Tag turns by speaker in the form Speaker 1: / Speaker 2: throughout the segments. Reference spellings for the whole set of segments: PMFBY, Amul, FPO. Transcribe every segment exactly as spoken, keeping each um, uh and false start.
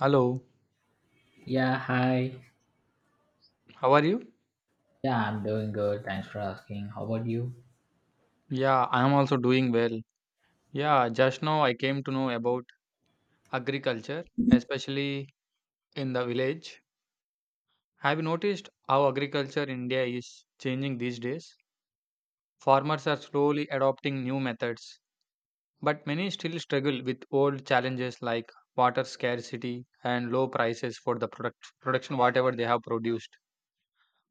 Speaker 1: Hello,
Speaker 2: Yeah, hi.
Speaker 1: how are you?
Speaker 2: Yeah, I'm doing good. Thanks for asking. How about you?
Speaker 1: Yeah, I am also doing well. Yeah, just now I came to know about agriculture, especially in the village. Have you noticed how agriculture in India is changing these days? Farmers are slowly adopting new methods, but many still struggle with old challenges like water scarcity and low prices for the product production whatever they have produced.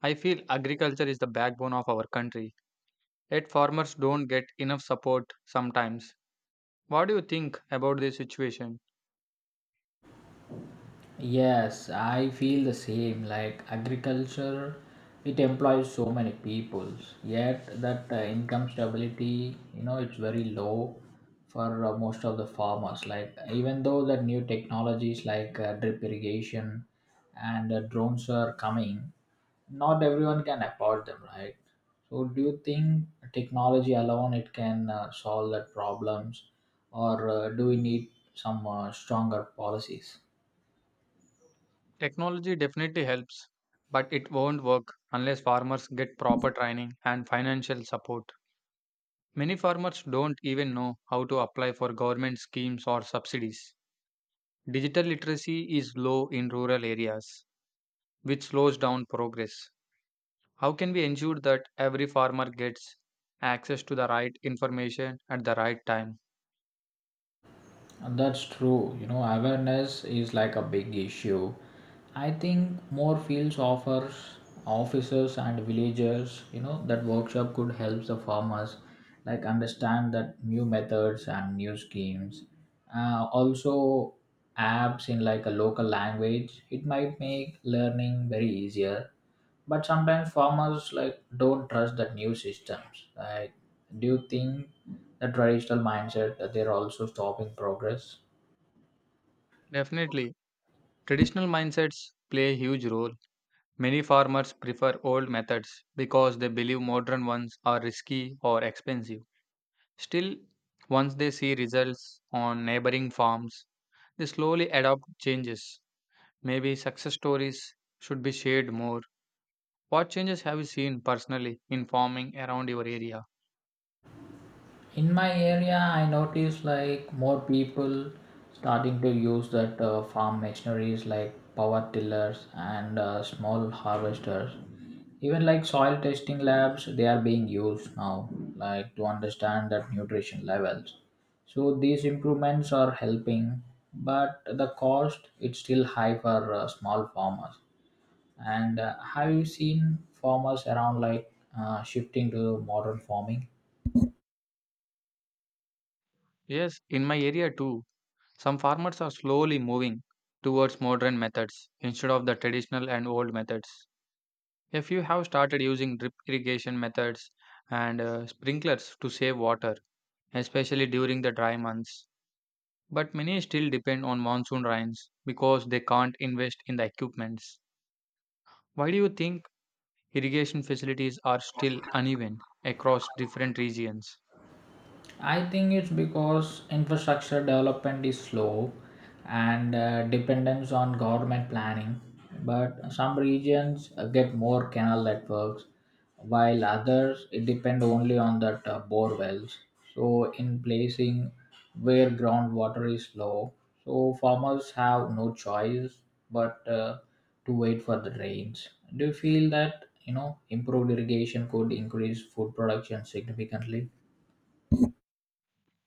Speaker 1: I feel agriculture is the backbone of our country, yet farmers don't get enough support sometimes. What do you think about this situation?
Speaker 2: Yes, I feel the same. Like agriculture, it employs so many peoples. Yet that uh, income stability, you know, it's very low for uh, most of the farmers. Like even though the new technologies like uh, drip irrigation and uh, drones are coming, not everyone can afford them, right? So do you think technology alone it can uh, solve that problems, or uh, do we need some uh, stronger policies?
Speaker 1: Technology definitely helps, but it won't work unless farmers get proper training and financial support. Many farmers don't even know how to apply for government schemes or subsidies. Digital literacy is low in rural areas, which slows down progress. How can we ensure that every farmer gets access to the right information at the right time?
Speaker 2: And That's true. You know, awareness is like a big issue. I think more fields offers officers and villagers, you know, that workshop could help the farmers like understand that new methods and new schemes. Uh, also apps in like a local language, it might make learning very easier, but sometimes farmers like don't trust that new systems. Like, do you think the traditional mindset that they're also stopping progress?
Speaker 1: Definitely, traditional mindsets play a huge role. Many farmers prefer old methods because they believe modern ones are risky or expensive. Still, once they see results on neighboring farms, they slowly adopt changes. Maybe success stories should be shared more. What changes have you seen personally in farming around your area?
Speaker 2: In my area, I notice like more people starting to use that uh, farm machineries like power tillers and uh, small harvesters. Even like soil testing labs, they are being used now, like to understand that nutrition levels. So these improvements are helping, but the cost it's still high for uh, small farmers. And uh, have you seen farmers around like uh, shifting to modern farming?
Speaker 1: Yes, in my area too, some farmers are slowly moving towards modern methods instead of the traditional and old methods. A few have started using drip irrigation methods and uh, sprinklers to save water, especially during the dry months. But many still depend on monsoon rains because they can't invest in the equipments. Why do you think irrigation facilities are still uneven across different regions?
Speaker 2: I think it's because infrastructure development is slow and uh, dependence on government planning. But some regions uh, get more canal networks, while others it depend only on that uh, bore wells. So in placing where groundwater is low, so farmers have no choice but uh, to wait for the rains. Do you feel that, you know, improved irrigation could increase food production significantly?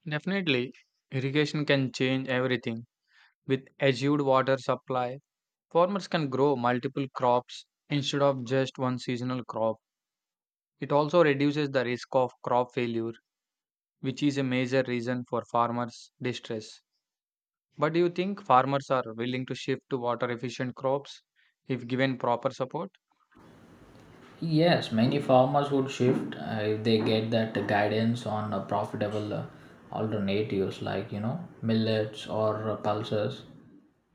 Speaker 1: Definitely, irrigation can change everything. With assured water supply, farmers can grow multiple crops instead of just one seasonal crop. It also reduces the risk of crop failure, which is a major reason for farmers' distress. But do you think farmers are willing to shift to water efficient crops if given proper support?
Speaker 2: Yes, many farmers would shift uh, if they get that guidance on uh, profitable uh, alternatives like, you know, millets or uh, pulses.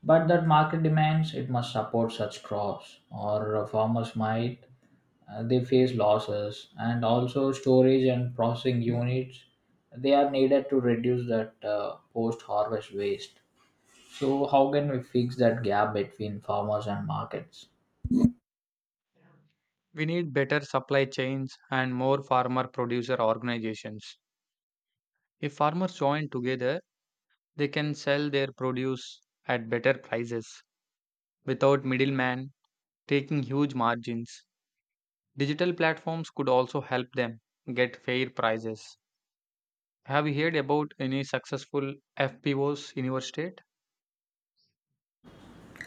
Speaker 2: But that market demands it must support such crops, or uh, farmers might uh, they face losses, and also storage and processing units they are needed to reduce that uh, post-harvest waste. So how can we fix that gap between farmers and markets?
Speaker 1: We need better supply chains and more farmer producer organizations. If farmers join together, they can sell their produce at better prices without middlemen taking huge margins. Digital platforms could also help them get fair prices. Have you heard about any successful F P Os in your state?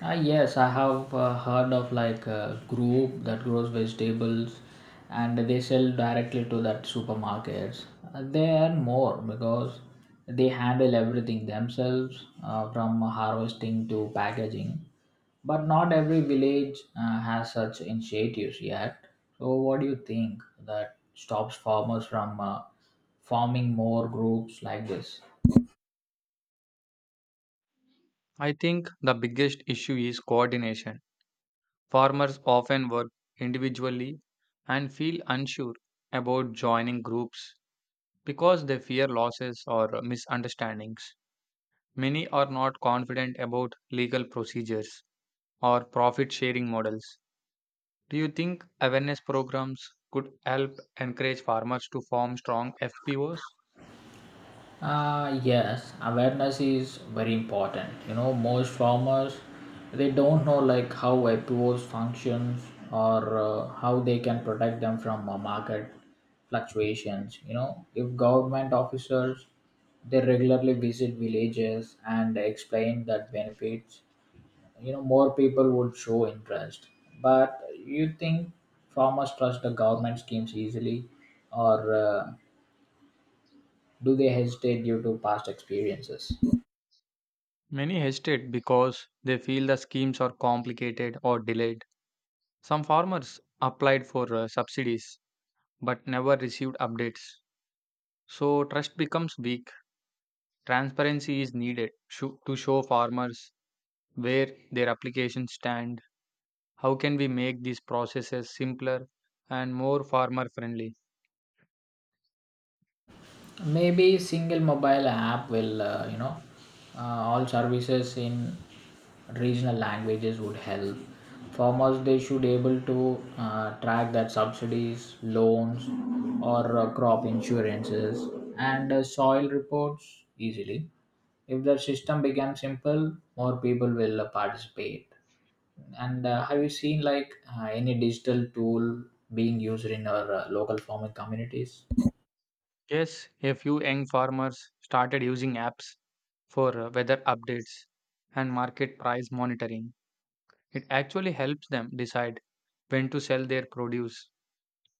Speaker 2: Uh, yes, I have uh, heard of like a group that grows vegetables and they sell directly to that supermarkets. Uh, they earn more because they handle everything themselves uh, from harvesting to packaging. But not every village uh, has such initiatives yet. So, what do you think that stops farmers from uh, forming more groups like this?
Speaker 1: I think the biggest issue is coordination. Farmers often work individually and feel unsure about joining groups because they fear losses or misunderstandings. Many are not confident about legal procedures or profit sharing models. Do you think awareness programs could help encourage farmers to form strong F P Os?
Speaker 2: Uh, yes, awareness is very important. You know, most farmers they don't know like how I P Os functions or uh, how they can protect them from uh, market fluctuations. You know, if government officers they regularly visit villages and explain that benefits, you know, more people would show interest. But you think farmers trust the government schemes easily, or uh, do they hesitate due to past experiences?
Speaker 1: Many hesitate because they feel the schemes are complicated or delayed. Some farmers applied for uh, subsidies but never received updates. So trust becomes weak. Transparency is needed sho- to show farmers where their applications stand. How can we make these processes simpler and more farmer friendly?
Speaker 2: Maybe single mobile app will uh, you know, uh, all services in regional languages would help. Farmers they should able to uh, track that subsidies loans or uh, crop insurances and uh, soil reports easily. If the system becomes simple, more people will uh, participate. And uh, have you seen like uh, any digital tool being used in our uh, local farming communities?
Speaker 1: Yes, a few young farmers started using apps for uh, weather updates and market price monitoring. It actually helps them decide when to sell their produce.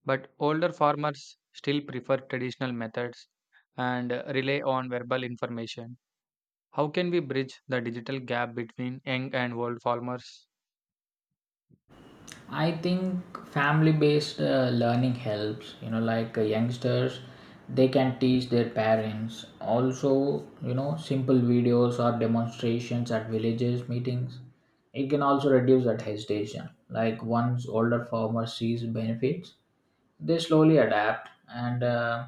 Speaker 1: But older farmers still prefer traditional methods and uh, rely on verbal information. How can we bridge the digital gap between young and old farmers?
Speaker 2: I think family based uh, learning helps. You know, like uh, youngsters, they can teach their parents. Also, you know, simple videos or demonstrations at villages meetings. It can also reduce that hesitation. Like once older farmer sees benefits, they slowly adapt. And uh,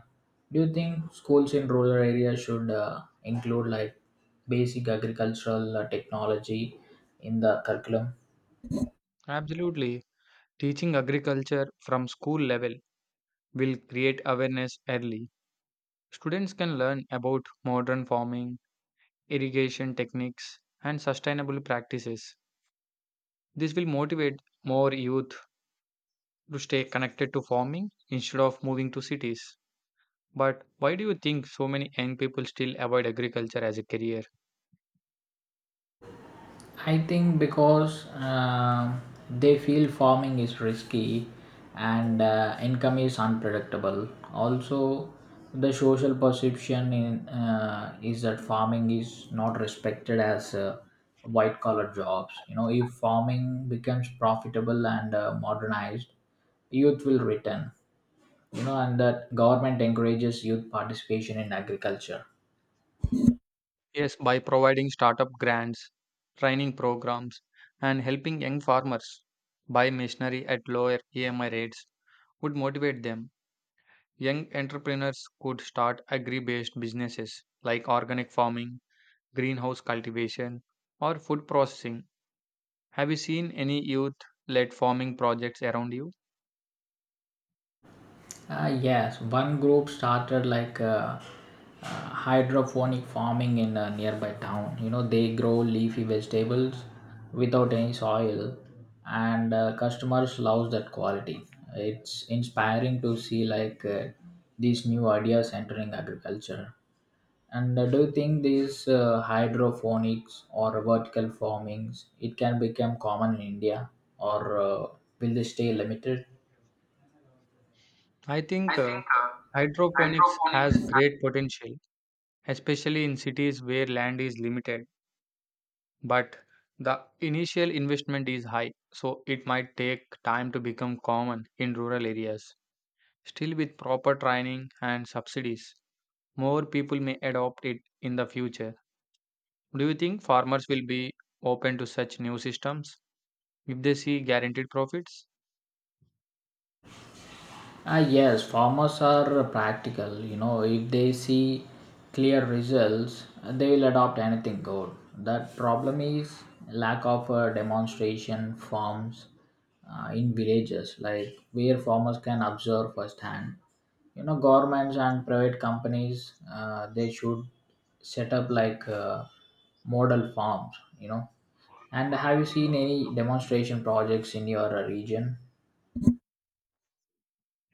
Speaker 2: do you think schools in rural areas should uh, include like basic agricultural uh, technology in the curriculum?
Speaker 1: Absolutely. Teaching agriculture from school level will create awareness early. Students can learn about modern farming, irrigation techniques, and sustainable practices. This will motivate more youth to stay connected to farming instead of moving to cities. But why do you think so many young people still avoid agriculture as a career?
Speaker 2: I think because um they feel farming is risky and uh, income is unpredictable. Also, the social perception in, uh, is that farming is not respected as uh, white collar jobs. You know, if farming becomes profitable and uh, modernized, youth will return. You know, and that government encourages youth participation in agriculture.
Speaker 1: Yes, by providing startup grants, training programs, and helping young farmers buy machinery at lower E M I rates would motivate them. Young entrepreneurs could start agri based businesses like organic farming, greenhouse cultivation, or food processing. Have you seen any youth led farming projects around you?
Speaker 2: Uh, yes, one group started like uh, uh, hydroponic farming in a nearby town. You know, they grow leafy vegetables without any soil, and uh, customers love that quality. It's inspiring to see like uh, these new ideas entering agriculture. And uh, do you think these uh, hydroponics or vertical farmings it can become common in India, or uh, will they stay limited?
Speaker 1: I think
Speaker 2: I think
Speaker 1: uh,
Speaker 2: uh,
Speaker 1: hydroponics has
Speaker 2: hydroponics.
Speaker 1: great potential, especially in cities where land is limited, but the initial investment is high, so it might take time to become common in rural areas. Still, with proper training and subsidies, more people may adopt it in the future. Do you think farmers will be open to such new systems if they see guaranteed profits?
Speaker 2: Ah, yes, farmers are practical. You know, if they see clear results, they will adopt anything good. That problem is lack of uh, demonstration farms uh, in villages, like where farmers can observe firsthand. You know, governments and private companies uh, they should set up like uh, model farms. You know, and have you seen any demonstration projects in your uh, region?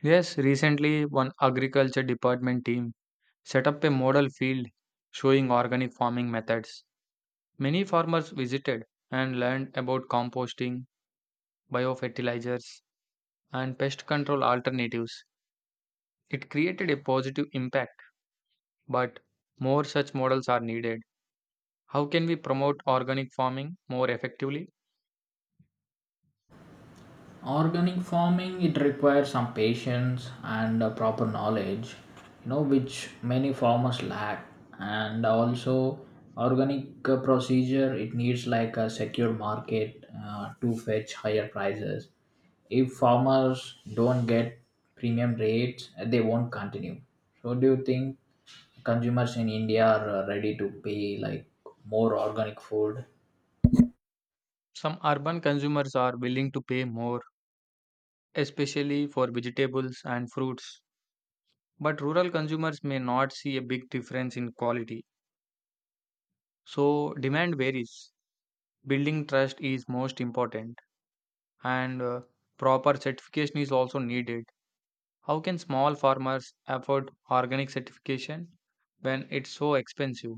Speaker 1: Yes, recently one agriculture department team set up a model field showing organic farming methods. Many farmers visited and learned about composting, biofertilizers, and pest control alternatives. It created a positive impact, but more such models are needed. How can we promote organic farming more effectively?
Speaker 2: Organic farming it requires some patience and uh, proper knowledge, you know, which many farmers lack. And also organic uh, procedure it needs like a secure market uh, to fetch higher prices. If farmers don't get premium rates, uh, they won't continue. So do you think consumers in India are uh, ready to pay like more organic food?
Speaker 1: Some urban consumers are willing to pay more, especially for vegetables and fruits, but rural consumers may not see a big difference in quality. So, demand varies. Building trust is most important, and uh, proper certification is also needed. How can small farmers afford organic certification when it's so expensive?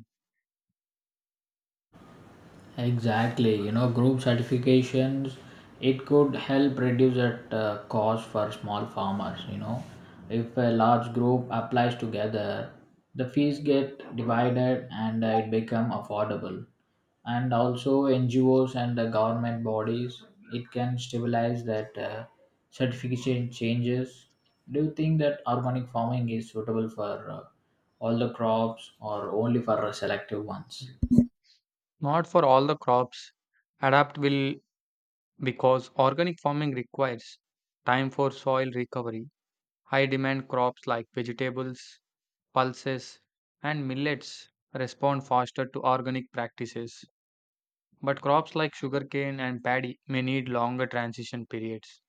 Speaker 2: Exactly, you know, group certifications it could help reduce that uh, cost for small farmers. You know, if a large group applies together, the fees get divided and uh, it become affordable. And also N G Os and the government bodies, it can stabilize that uh, certification changes. Do you think that organic farming is suitable for uh, all the crops or only for uh, selective ones?
Speaker 1: Not for all the crops. Adapt will because organic farming requires time for soil recovery. High demand crops like vegetables, pulses, and millets respond faster to organic practices. But crops like sugarcane and paddy may need longer transition periods.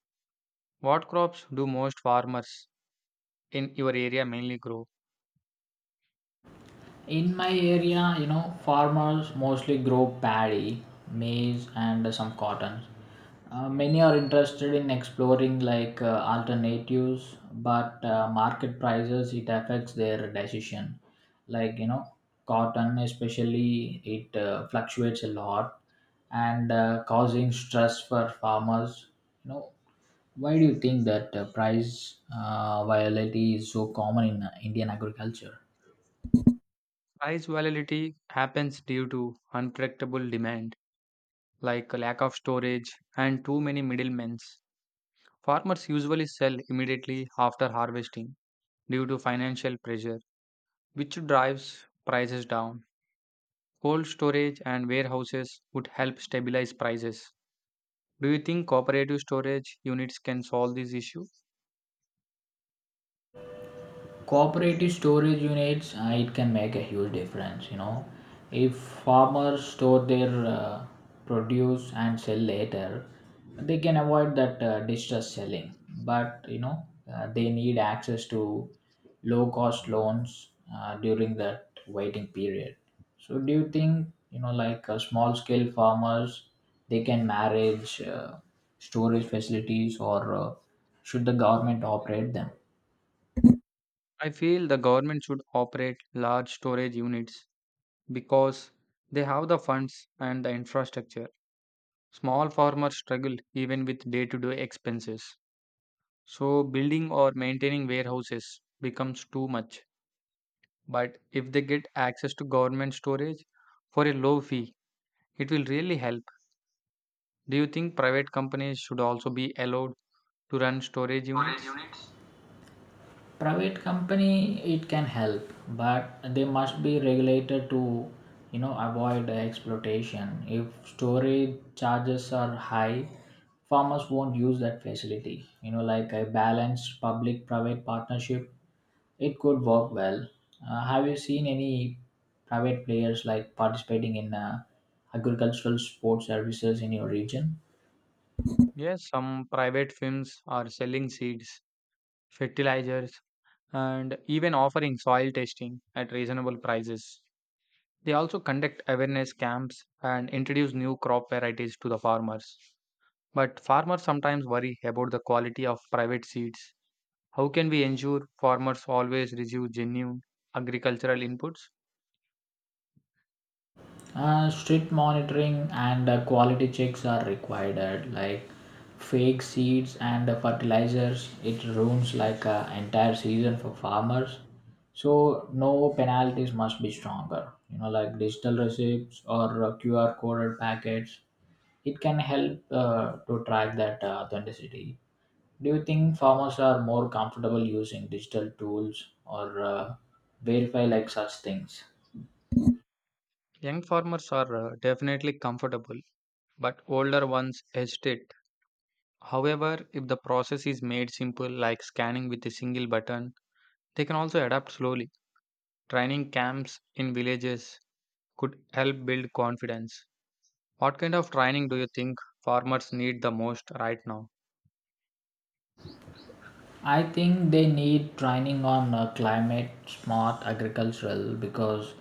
Speaker 1: What crops do most farmers in your area mainly grow?
Speaker 2: In my area, you know, farmers mostly grow paddy, maize, and some cotton. Uh, many are interested in exploring like uh, alternatives, but uh, market prices it affects their decision. Like, you know, cotton especially it uh, fluctuates a lot and uh, causing stress for farmers. You know, why do you think that uh, price uh, volatility is so common in uh, Indian agriculture?
Speaker 1: Price volatility happens due to unpredictable demand, like a lack of storage and too many middlemen. Farmers usually sell immediately after harvesting due to financial pressure, which drives prices down. Cold storage and warehouses would help stabilize prices. Do you think cooperative storage units can solve this issue?
Speaker 2: Cooperative storage units, uh, it can make a huge difference, you know. If farmers store their uh, produce and sell later, they can avoid that uh, distress selling. But, you know, uh, they need access to low cost loans uh, during that waiting period. So do you think, you know, like uh, small scale farmers they can manage uh, storage facilities, or uh, should the government operate them?
Speaker 1: I feel the government should operate large storage units because they have the funds and the infrastructure. Small farmers struggle even with day to day expenses. So, building or maintaining warehouses becomes too much. But if they get access to government storage for a low fee, it will really help. Do you think private companies should also be allowed to run storage
Speaker 2: Storage
Speaker 1: units?
Speaker 2: units, private company, it can help, but they must be regulated to, you know, avoid exploitation. If storage charges are high, farmers won't use that facility. You know, like a balanced public private partnership, it could work well. Uh, have you seen any private players like participating in uh, agricultural support services in your region?
Speaker 1: Yes, some private firms are selling seeds, fertilizers, and even offering soil testing at reasonable prices. They also conduct awareness camps and introduce new crop varieties to the farmers. But farmers sometimes worry about the quality of private seeds. How can we ensure farmers always receive genuine agricultural inputs?
Speaker 2: Uh, strict monitoring and uh, quality checks are required, like fake seeds and uh, fertilizers. It ruins like uh, entire season for farmers. So no penalties must be stronger. You know, like digital receipts or uh, Q R coded packets. It can help uh, to track that uh, authenticity. Do you think farmers are more comfortable using digital tools or uh, verify like such things?
Speaker 1: Young farmers are uh, definitely comfortable, but older ones hesitate. However, if the process is made simple, like scanning with a single button, they can also adapt slowly. Training camps in villages could help build confidence. What kind of training do you think farmers need the most right now?
Speaker 2: I think they need training on uh, climate smart agricultural because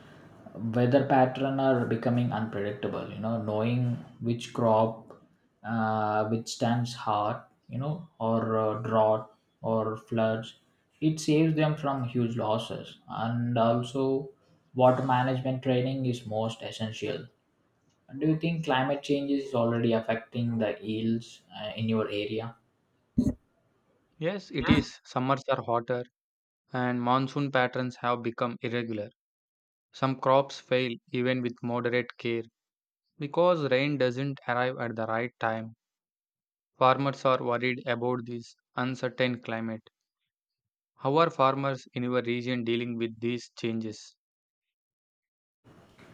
Speaker 2: weather pattern are becoming unpredictable. You know, knowing which crop uh, withstands hard, you know, or uh, drought or floods, it saves them from huge losses. And also, water management training is most essential. Do you think climate change is already affecting the yields uh, in your area?
Speaker 1: Yes, it
Speaker 2: Yes,
Speaker 1: is. Summers are hotter, and monsoon patterns have become irregular. Some crops fail even with moderate care because rain doesn't arrive at the right time. Farmers are worried about this uncertain climate. How are farmers in your region dealing with these changes?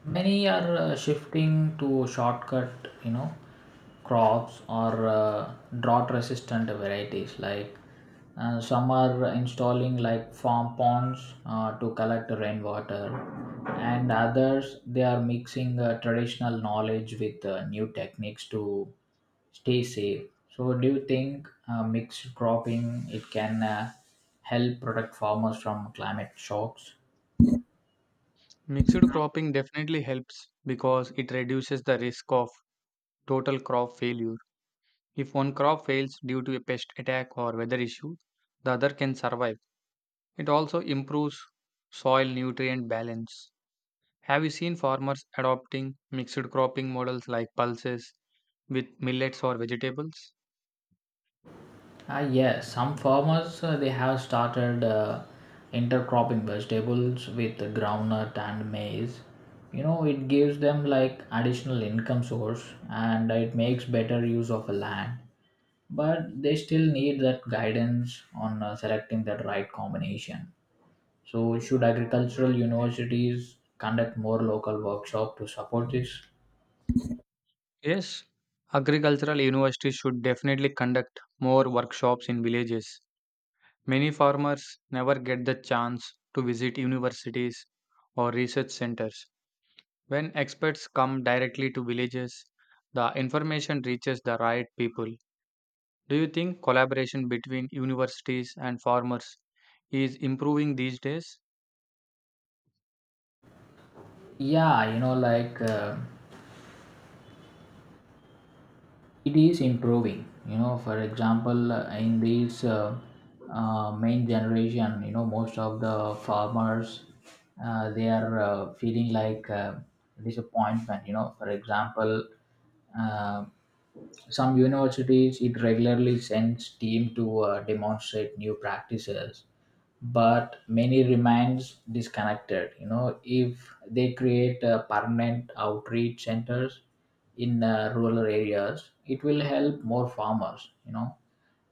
Speaker 2: many are uh, shifting to shortcut, you know, crops or uh, drought resistant varieties. Like, uh, some are installing like farm ponds uh, to collect rainwater, and others they are mixing uh, traditional knowledge with uh, new techniques to stay safe. So, do you think uh, mixed cropping it can uh, help protect farmers from climate shocks?
Speaker 1: Mixed cropping definitely helps because it reduces the risk of total crop failure. If one crop fails due to a pest attack or weather issue, the other can survive. It also improves soil nutrient balance. Have you seen farmers adopting mixed cropping models like pulses with millets or vegetables?
Speaker 2: Ah, yes, some farmers uh, they have started uh, intercropping vegetables with groundnut and maize. You know, it gives them like additional income source and it makes better use of the land. But they still need that guidance on uh, selecting the right combination. So, should agricultural universities conduct more local workshop to support this?
Speaker 1: Yes, agricultural universities should definitely conduct more workshops in villages. Many farmers never get the chance to visit universities or research centers. When experts come directly to villages, the information reaches the right people. Do you think collaboration between universities and farmers is improving these days?
Speaker 2: Yeah, you know, like. Uh, it is improving, you know. For example, uh, in this uh, uh, main generation, you know, most of the farmers uh, they are uh, feeling like uh, disappointment. You know, for example, uh, some universities it regularly sends team to uh, demonstrate new practices, but many remains disconnected. You know, if they create uh, permanent outreach centers in uh, rural areas, it will help more farmers, you know.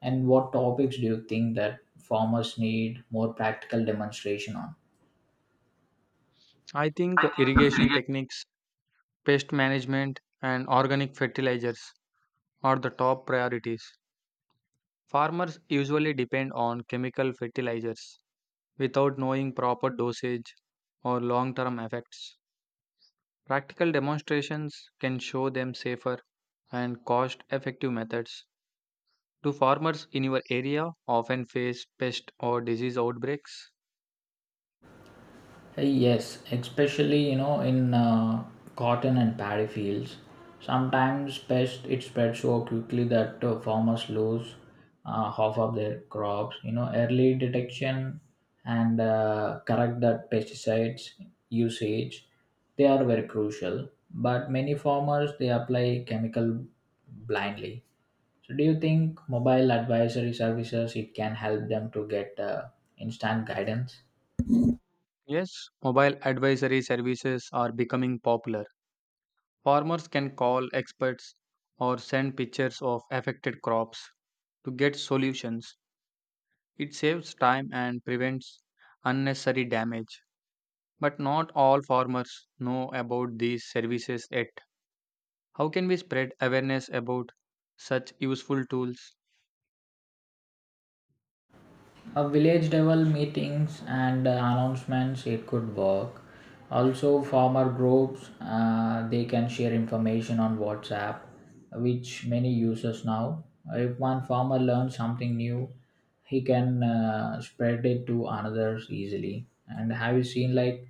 Speaker 2: And what topics do you think that farmers need more practical demonstration on?
Speaker 1: I think
Speaker 2: I think.
Speaker 1: irrigation techniques, pest management, and organic fertilizers are the top priorities. Farmers usually depend on chemical fertilizers without knowing proper dosage or long term effects. Practical demonstrations can show them safer and cost effective methods. Do farmers in your area often face pest or disease outbreaks?
Speaker 2: Hey, yes, especially, you know, in uh, cotton and paddy fields, sometimes pest it spreads so quickly that uh, farmers lose uh, half of their crops. You know, early detection and uh, correct that pesticides usage, they are very crucial. But many farmers they apply chemical blindly. So, do you think mobile advisory services it can help them to get uh, instant guidance?
Speaker 1: Yes, mobile advisory services are becoming popular. Farmers can call experts or send pictures of affected crops to get solutions. It saves time and prevents unnecessary damage. But not all farmers know about these services yet. How can we spread awareness about such useful tools?
Speaker 2: A village level meetings and uh, announcements it could work. Also farmer groups, uh, they can share information on whatsapp, which many users now. If one farmer learns something new, he can uh, spread it to others easily. And have you seen like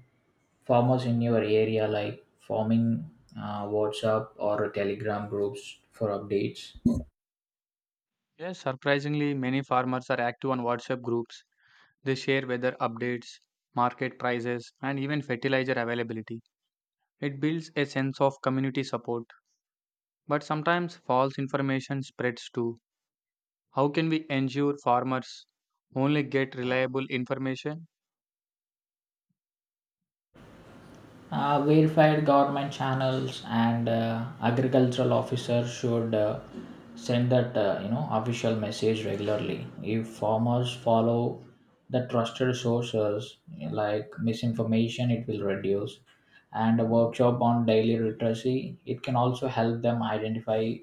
Speaker 2: farmers in your area like forming uh, whatsapp or telegram groups for updates?
Speaker 1: Yes, surprisingly, many farmers are active on WhatsApp groups. They share weather updates, market prices, and even fertilizer availability. It builds a sense of community support. But sometimes false information spreads too. How can we ensure farmers only get reliable information?
Speaker 2: Uh, verified government channels and uh, agricultural officers should uh, send that uh, you know official message regularly. If farmers follow the trusted sources, like misinformation, it will reduce. And a workshop on daily literacy, it can also help them identify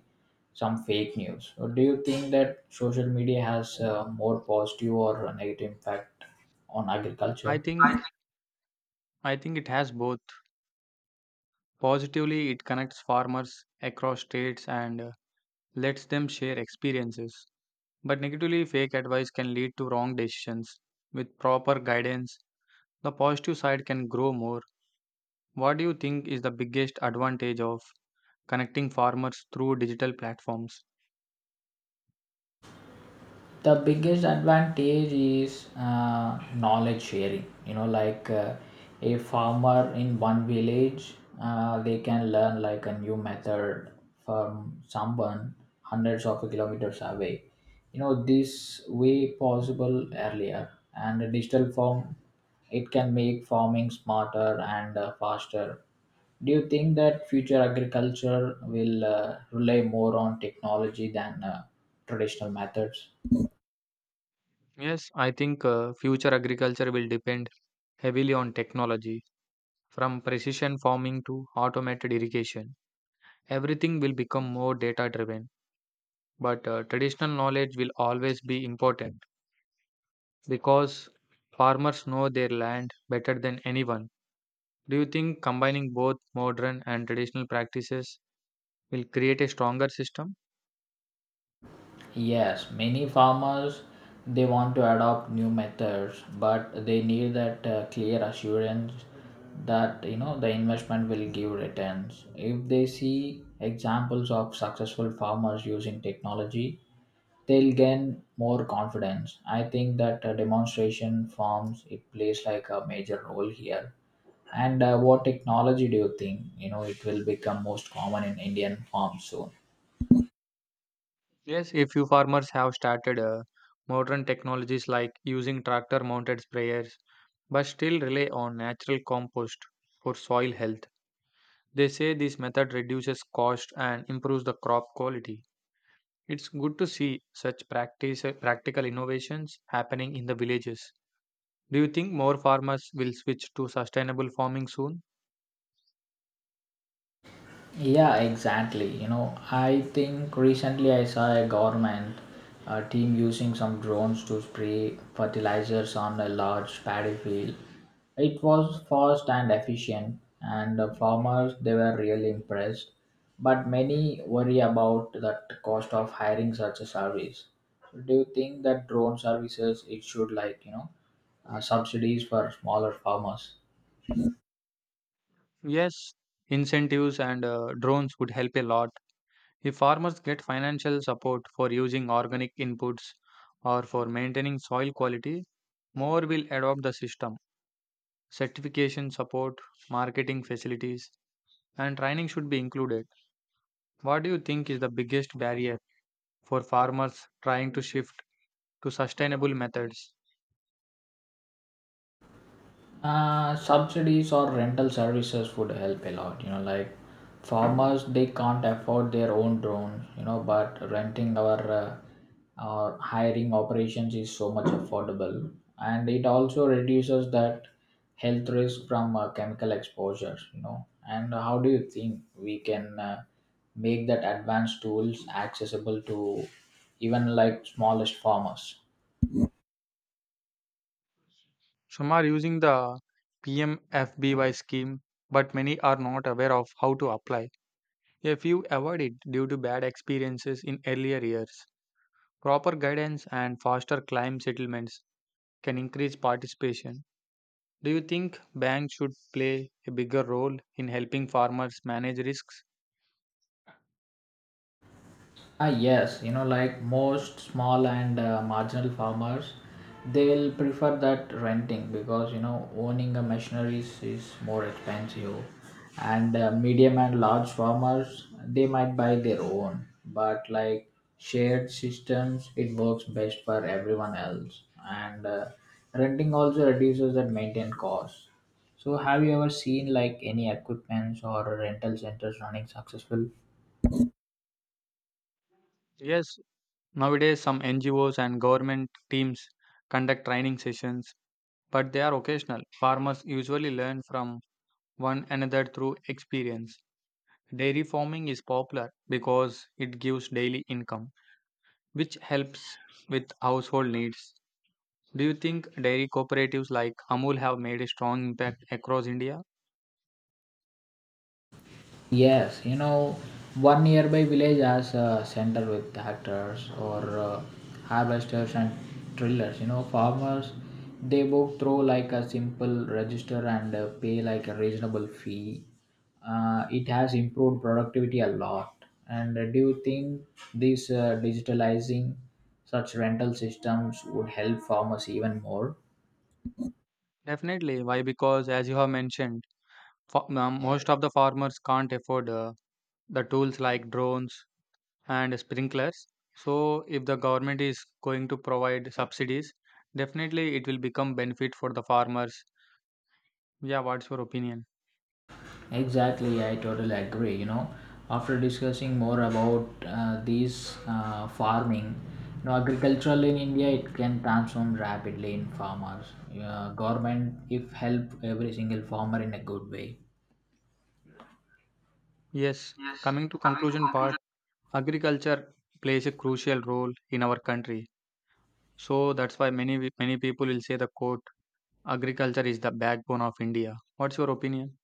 Speaker 2: some fake news. So do you think that social media has uh, more positive or negative impact on
Speaker 1: I
Speaker 2: agriculture? I
Speaker 1: think I think it has both. Positively, it connects farmers across states and uh, lets them share experiences. But negatively, fake advice can lead to wrong decisions. With proper guidance, the positive side can grow more. What do you think is the biggest advantage of connecting farmers through digital platforms?
Speaker 2: the biggest advantage is uh, knowledge sharing, you know, like uh, a farmer in one village, uh, they can learn like a new method from someone hundreds of kilometers away. You know this way possible earlier, and a digital form, it can make farming smarter and uh, faster. Do you think that future agriculture will uh, rely more on technology than uh, traditional methods?
Speaker 1: Yes, I think uh, future agriculture will depend heavily on technology, from precision farming to automated irrigation. Everything will become more data driven, but uh, traditional knowledge will always be important because farmers know their land better than anyone. Do you think combining both modern and traditional practices will create a stronger system?
Speaker 2: Yes, many farmers, they want to adopt new methods, but they need that uh, clear assurance that, you know, the investment will give returns. If they see examples of successful farmers using technology, they'll gain more confidence. I think that uh, demonstration farms it plays like a major role here. And uh, what technology do you think, you know, it will become most common in Indian farms soon?
Speaker 1: Yes, a few farmers have started uh, modern technologies like using tractor mounted sprayers, but still rely on natural compost for soil health. They say this method reduces cost and improves the crop quality. It's good to see such practice, uh, practical innovations happening in the villages. Do you think more farmers will switch to sustainable farming soon?
Speaker 2: Yeah, exactly. You know, I think recently I saw a government uh, team using some drones to spray fertilizers on a large paddy field. It was fast and efficient, and the farmers they were really impressed. But many worry about the cost of hiring such a service. So do you think that drone services it should, like, you know, uh, subsidies for smaller farmers?
Speaker 1: Yes, incentives and uh, drones would help a lot. If farmers get financial support for using organic inputs or for maintaining soil quality, more will adopt the system. Certification support, marketing facilities, and training should be included. What do you think is the biggest barrier for farmers trying to shift to sustainable methods?
Speaker 2: Uh, subsidies or rental services would help a lot. You know, like farmers, they can't afford their own drones. You know, but renting our uh, or hiring operations is so much affordable, and it also reduces that health risk from uh, chemical exposures. You know, and how do you think we can uh, make that advanced tools accessible to even like smallest farmers?
Speaker 1: Some are using the P M F B Y scheme, but many are not aware of how to apply. A few avoid it due to bad experiences in earlier years. Proper guidance and faster claim settlements can increase participation. Do you think banks should play a bigger role in helping farmers manage risks?
Speaker 2: Ah, yes, you know, like most small and uh, marginal farmers, they'll prefer that renting, because, you know, owning a machinery is is more expensive, and uh, medium and large farmers, they might buy their own, but like shared systems, it works best for everyone else, and uh, renting also reduces that maintenance cost. So, have you ever seen like any equipments or rental centers running successful?
Speaker 1: Yes, nowadays some N G Os and government teams conduct training sessions, but they are occasional. Farmers usually learn from one another through experience. Dairy farming is popular because it gives daily income, which helps with household needs. Do you think dairy cooperatives like Amul have made a strong impact across India?
Speaker 2: Yes, you know, one nearby village has a center with tractors or uh, harvesters and trillers. You know, farmers they book through like a simple register and uh, pay like a reasonable fee. Uh, it has improved productivity a lot. And uh, do you think this uh, digitalizing such rental systems would help farmers even more?
Speaker 1: Definitely. Why? Because, as you have mentioned, fa- um, most of the farmers can't afford uh, the tools like drones and sprinklers. So, if the government is going to provide subsidies, definitely it will become benefit for the farmers. Yeah, what's your opinion?
Speaker 2: Exactly, I totally agree. You know, after discussing more about uh, these uh, farming, you know, agricultural in India it can transform rapidly in farmers. Uh, government if help every single farmer in a good way.
Speaker 1: Yes.
Speaker 2: Yes,
Speaker 1: Coming to
Speaker 2: coming to
Speaker 1: conclusion part,
Speaker 2: conclusion.
Speaker 1: agriculture plays a crucial role in our country. So that's why many many people will say the quote, "Agriculture is the backbone of India." What's your opinion?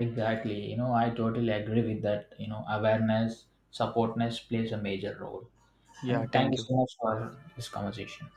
Speaker 2: Exactly, you know, I totally agree with that. You know, awareness, supportness plays a major role.
Speaker 1: Yeah,
Speaker 2: And thank
Speaker 1: thank
Speaker 2: you
Speaker 1: you.
Speaker 2: so much for this conversation.